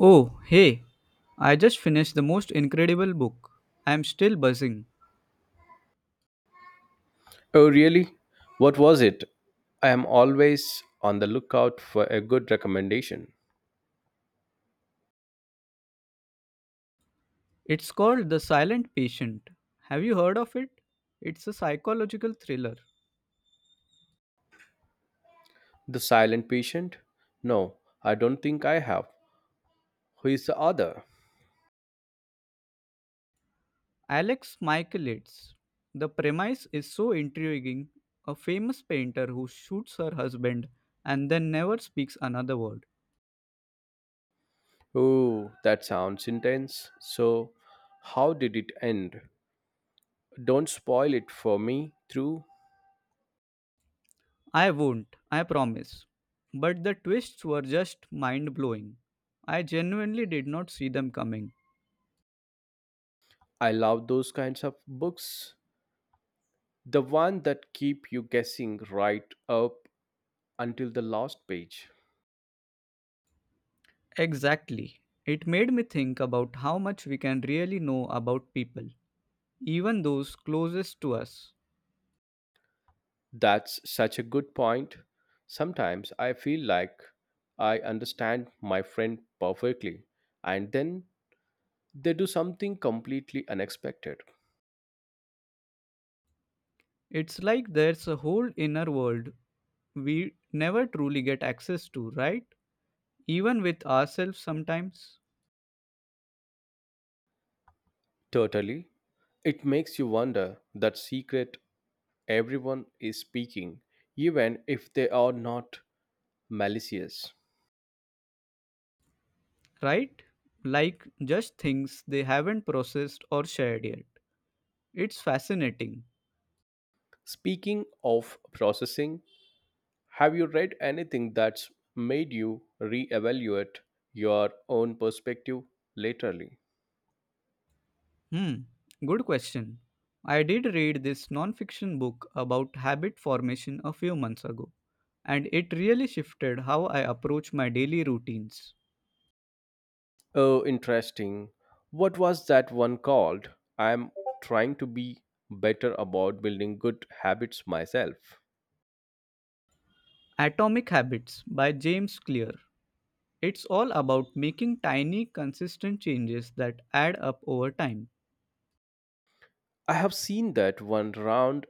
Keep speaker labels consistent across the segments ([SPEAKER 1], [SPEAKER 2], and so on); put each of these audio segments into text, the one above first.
[SPEAKER 1] Oh, hey, I just finished the most incredible book. I'm still buzzing.
[SPEAKER 2] Oh, really? What was it? I am always on the lookout for a good recommendation.
[SPEAKER 1] It's called The Silent Patient. Have you heard of it? It's a psychological thriller.
[SPEAKER 2] The Silent Patient? No, I don't think I have. Who is the author?
[SPEAKER 1] Alex Michaelides. The premise is so intriguing. A famous painter who shoots her husband and then never speaks another word.
[SPEAKER 2] Oh, that sounds intense. So, how did it end? Don't spoil it for me, True.
[SPEAKER 1] I won't, I promise. But the twists were just mind blowing. I genuinely did not see them coming.
[SPEAKER 2] I love those kinds of books. The one that keep you guessing right up until the last page.
[SPEAKER 1] Exactly. It made me think about how much we can really know about people, even those closest to us.
[SPEAKER 2] That's such a good point. Sometimes I feel like I understand my friend perfectly, and then they do something completely unexpected.
[SPEAKER 1] It's like there's a whole inner world we never truly get access to, right? Even with ourselves sometimes,
[SPEAKER 2] Totally. It makes you wonder that secret everyone is speaking, even if they are not malicious.
[SPEAKER 1] right? Like just things they haven't processed or shared yet. It's fascinating.
[SPEAKER 2] Speaking of processing, have you read anything that's made you reevaluate your own perspective laterally?
[SPEAKER 1] Hmm, good question. I did read this non-fiction book about habit formation a few months ago, and it really shifted how I approach my daily routines.
[SPEAKER 2] Oh, interesting. What was that one called? I'm trying to be better about building good habits myself.
[SPEAKER 1] Atomic Habits by James Clear. It's all about making tiny, consistent changes that add up over time.
[SPEAKER 2] I have seen that one round.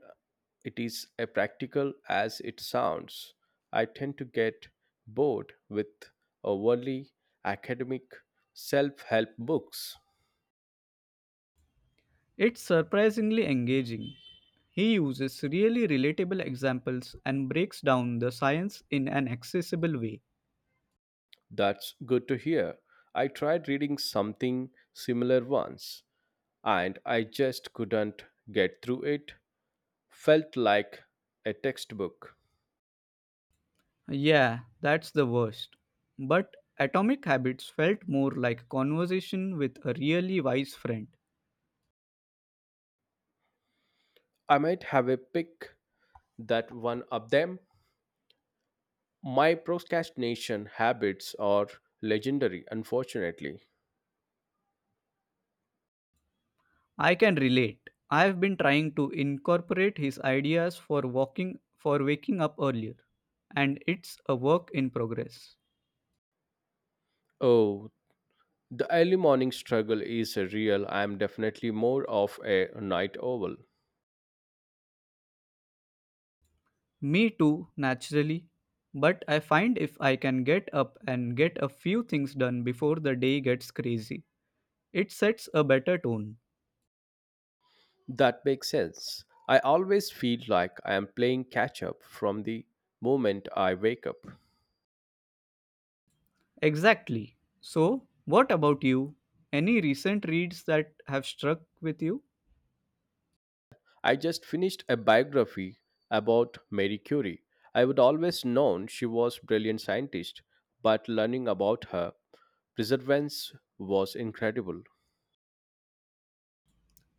[SPEAKER 2] It is as practical as it sounds. I tend to get bored with overly academic self help books.
[SPEAKER 1] It's surprisingly engaging. He uses really relatable examples and breaks down the science in an accessible way.
[SPEAKER 2] That's good to hear. I tried reading something similar once and I just couldn't get through it. Felt like a textbook.
[SPEAKER 1] Yeah, that's the worst. But Atomic Habits felt more like a conversation with a really wise friend.
[SPEAKER 2] I might have a pick that one of them. My procrastination habits are legendary, unfortunately.
[SPEAKER 1] I can relate. I've been trying to incorporate his ideas for walking for waking up earlier, and it's a work in progress.
[SPEAKER 2] Oh, the early morning struggle is real. I am definitely more of a night owl.
[SPEAKER 1] Me too, naturally. But I find if I can get up and get a few things done before the day gets crazy, it sets a better tone.
[SPEAKER 2] That makes sense. I always feel like I am playing catch up from the moment I wake up.
[SPEAKER 1] Exactly. So, what about you? Any recent reads that have struck with you?
[SPEAKER 2] I just finished a biography about Marie Curie. I would always known she was a brilliant scientist, but learning about her perseverance was incredible.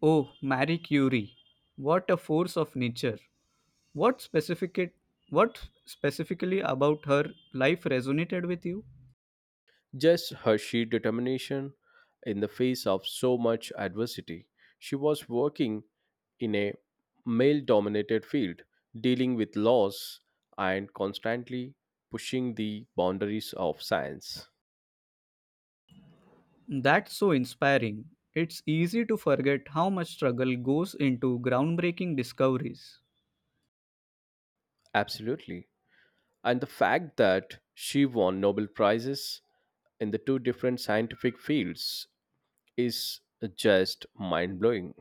[SPEAKER 1] Oh, Marie Curie. What a force of nature. What specific it, what specifically about her life resonated with you?
[SPEAKER 2] Just her sheer determination in the face of so much adversity. She was working in a male dominated field, dealing with laws and constantly pushing the boundaries of science.
[SPEAKER 1] That's so inspiring. It's easy to forget how much struggle goes into groundbreaking discoveries.
[SPEAKER 2] Absolutely, and the fact that she won Nobel prizes in the two different scientific fields is just mind-blowing.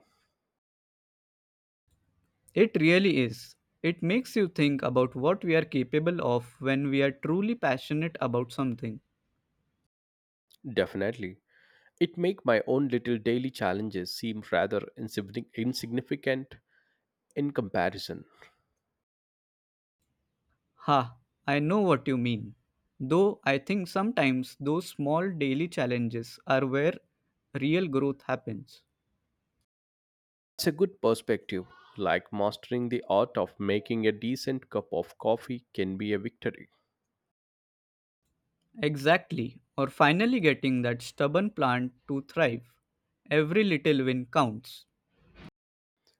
[SPEAKER 1] It really is. It makes you think about what we are capable of when we are truly passionate about something.
[SPEAKER 2] Definitely, it make my own little daily challenges seem rather insignificant in comparison.
[SPEAKER 1] Ha, I know what you mean. Though I think sometimes those small daily challenges are where real growth happens.
[SPEAKER 2] It's a good perspective, like mastering the art of making a decent cup of coffee can be a victory.
[SPEAKER 1] Exactly, or finally getting that stubborn plant to thrive. Every little win counts.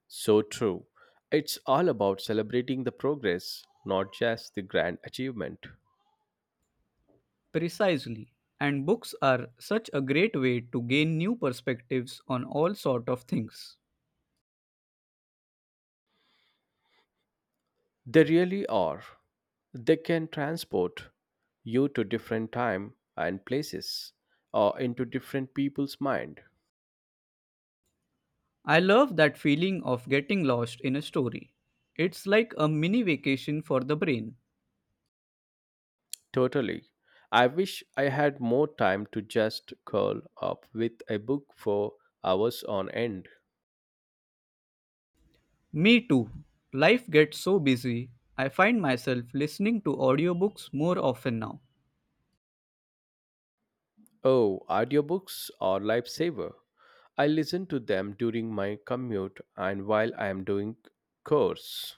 [SPEAKER 2] So true, it's all about celebrating the progress, not just the grand achievement.
[SPEAKER 1] Precisely. And books are such a great way to gain new perspectives on all sort of things.
[SPEAKER 2] They really are. They can transport you to different time and places or into different people's mind.
[SPEAKER 1] I love that feeling of getting lost in a story. It's like a mini vacation for the brain.
[SPEAKER 2] Totally. I wish I had more time to just curl up with a book for hours on end.
[SPEAKER 1] Me too. Life gets so busy, I find myself listening to audiobooks more often now.
[SPEAKER 2] Oh, audiobooks are lifesaver. I listen to them during my commute and while I am doing chores.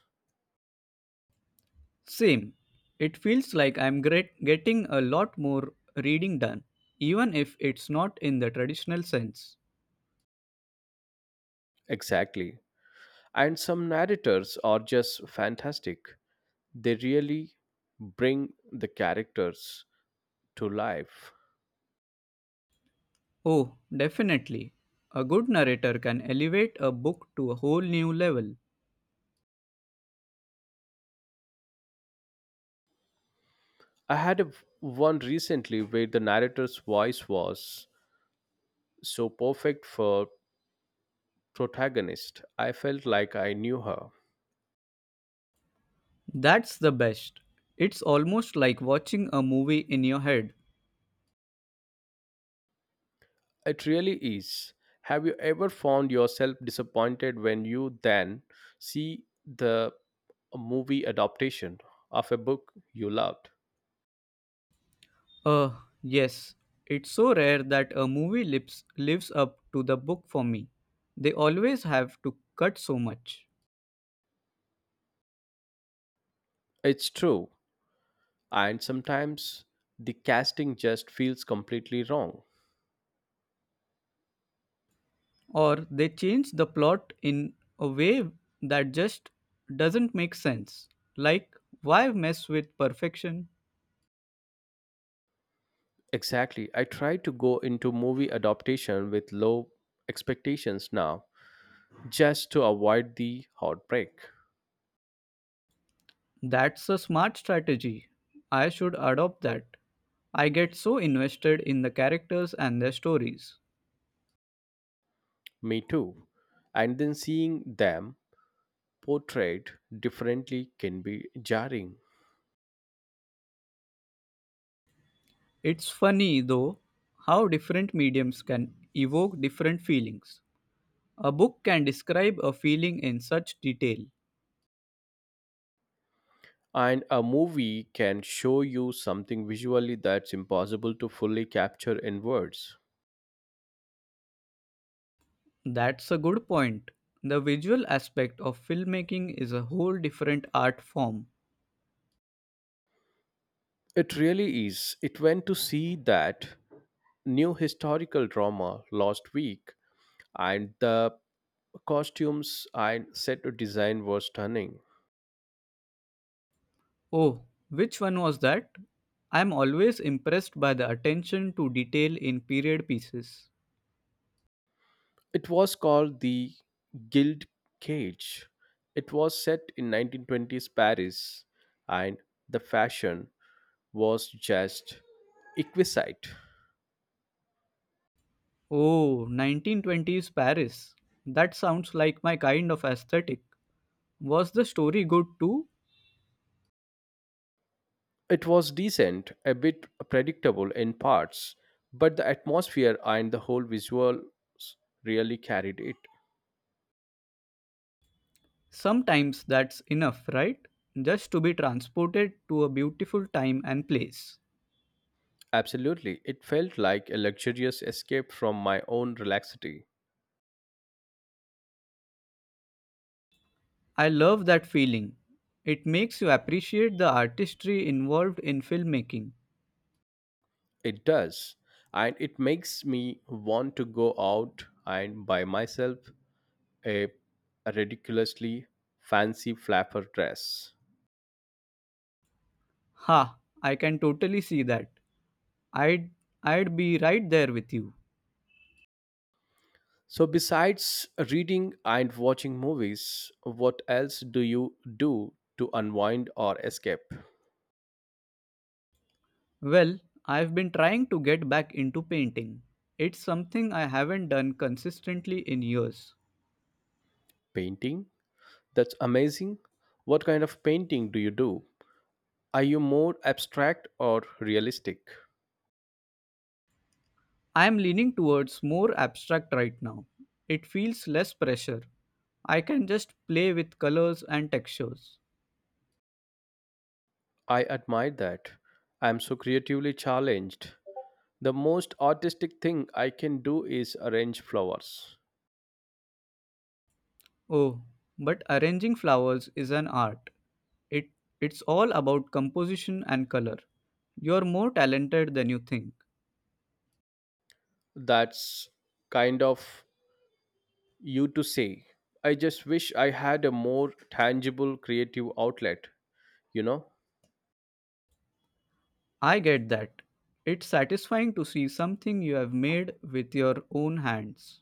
[SPEAKER 1] Same. It feels like getting a lot more reading done, even if it's not in the traditional sense.
[SPEAKER 2] Exactly. And some narrators are just fantastic. They really bring the characters to life.
[SPEAKER 1] Oh, definitely. A good narrator can elevate a book to a whole new level.
[SPEAKER 2] I had a, One recently where the narrator's voice was so perfect for protagonist. I felt like I knew her.
[SPEAKER 1] That's the best. It's almost like watching a movie in your head.
[SPEAKER 2] It really is. Have you ever found yourself disappointed when you then see the movie adaptation of a book you loved?
[SPEAKER 1] Uh, yes. It's so rare that lives up to the book for me. They always have to cut so much.
[SPEAKER 2] It's true, and sometimes the casting just feels completely wrong.
[SPEAKER 1] Or they change the plot in a way that just doesn't make sense. Like, why mess with perfection?
[SPEAKER 2] Exactly. I try to go into movie adaptation with low expectations now, just to avoid the heartbreak.
[SPEAKER 1] That's a smart strategy. I should adopt that. I get so invested in the characters and their stories.
[SPEAKER 2] Me too. And then seeing them portrayed differently can be jarring.
[SPEAKER 1] It's funny, though, how different mediums can evoke different feelings. A book can describe a feeling in such detail.
[SPEAKER 2] And a movie can show you something visually that's impossible to fully capture in words.
[SPEAKER 1] That's a good point. The visual aspect of filmmaking is a whole different art form.
[SPEAKER 2] It really is. It went to see that new historical drama last week and the costumes and set design were stunning.
[SPEAKER 1] Oh, which one was that? I'm always impressed by the attention to detail in period pieces.
[SPEAKER 2] It was called the Guild Cage. It was set in 1920s Paris, and the fashion was just exquisite.
[SPEAKER 1] Oh, 1920s Paris. That sounds like my kind of aesthetic. Was the story good too?
[SPEAKER 2] It was decent, a bit predictable in parts, but the atmosphere and the whole visuals really carried it.
[SPEAKER 1] Sometimes that's enough, right? Just to be transported to a beautiful time and place.
[SPEAKER 2] Absolutely, it felt like a luxurious escape from my own relaxity.
[SPEAKER 1] I love that feeling. It makes you appreciate the artistry involved in filmmaking.
[SPEAKER 2] It does. And it makes me want to go out and buy myself a ridiculously fancy flapper dress.
[SPEAKER 1] Ha, I can totally see that. I'd I'd be right there with you.
[SPEAKER 2] So, besides reading and watching movies, what else do you do to unwind or escape?
[SPEAKER 1] Well, I've been trying to get back into painting. It's something I haven't done consistently in years.
[SPEAKER 2] Painting? That's amazing. What kind of painting do you do? Are you more abstract or realistic?
[SPEAKER 1] I'm leaning towards more abstract right now. It feels less pressure. I can just play with colors and textures.
[SPEAKER 2] I admire that. I'm so creatively challenged. The most artistic thing I can do is arrange flowers.
[SPEAKER 1] Oh, but arranging flowers is an art. It it's all about composition and color. You're more talented than you think.
[SPEAKER 2] That's kind of you to say. I just wish I had a more tangible creative outlet, you know?
[SPEAKER 1] I get that. It's satisfying to see something you have made with your own hands.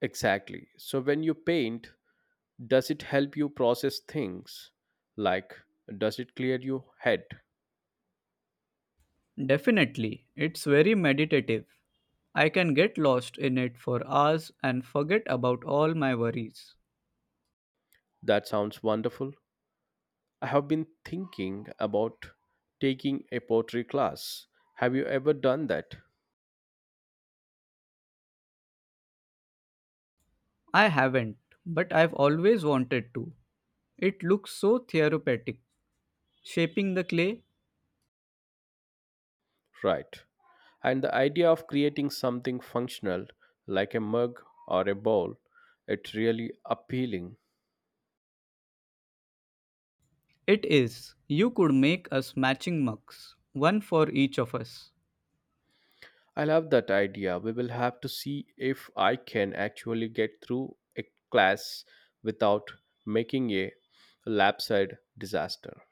[SPEAKER 2] Exactly. So when you paint, does it help you process things? Like, does it clear your head?
[SPEAKER 1] Definitely, it's very meditative. I can get lost in it for hours and forget about all my worries.
[SPEAKER 2] That sounds wonderful. I have been thinking about taking a pottery class. Have you ever done that?
[SPEAKER 1] I haven't, but I've always wanted to. It looks so therapeutic. Shaping the clay,
[SPEAKER 2] Right. And the idea of creating something functional like a mug or a bowl, it's really appealing.
[SPEAKER 1] it is. You could make us matching mugs, one for each of us.
[SPEAKER 2] I love that idea. We will have to see if I can actually get through a class without making a lapside disaster.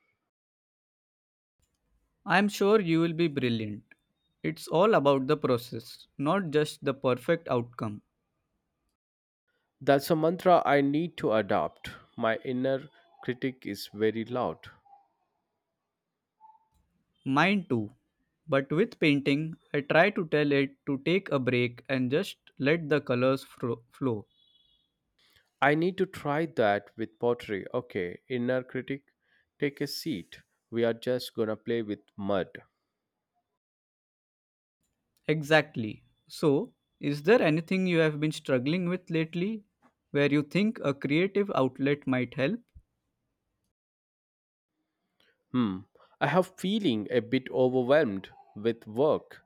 [SPEAKER 1] I am sure you will be brilliant. It's all about the process, not just the perfect outcome.
[SPEAKER 2] That's a mantra I need to adopt. My inner critic is very loud.
[SPEAKER 1] Mine too. But with painting, I try to tell it to take a break and just let flow.
[SPEAKER 2] I need to try that with pottery. Okay, inner critic, take a seat. We are just gonna play with mud.
[SPEAKER 1] Exactly. So, is there anything you have been struggling with lately where you think a creative outlet might help?
[SPEAKER 2] Hmm. I have feeling a bit overwhelmed with work.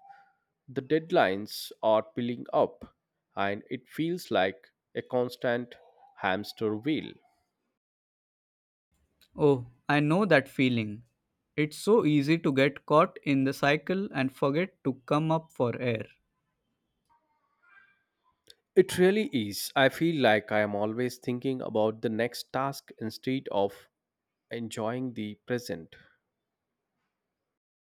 [SPEAKER 2] The deadlines are piling up and it feels like a constant hamster wheel.
[SPEAKER 1] Oh, I know that feeling. It's so easy to get caught in the cycle and forget to come up for air.
[SPEAKER 2] It really is. I feel like I am always thinking about the next task instead of enjoying the present.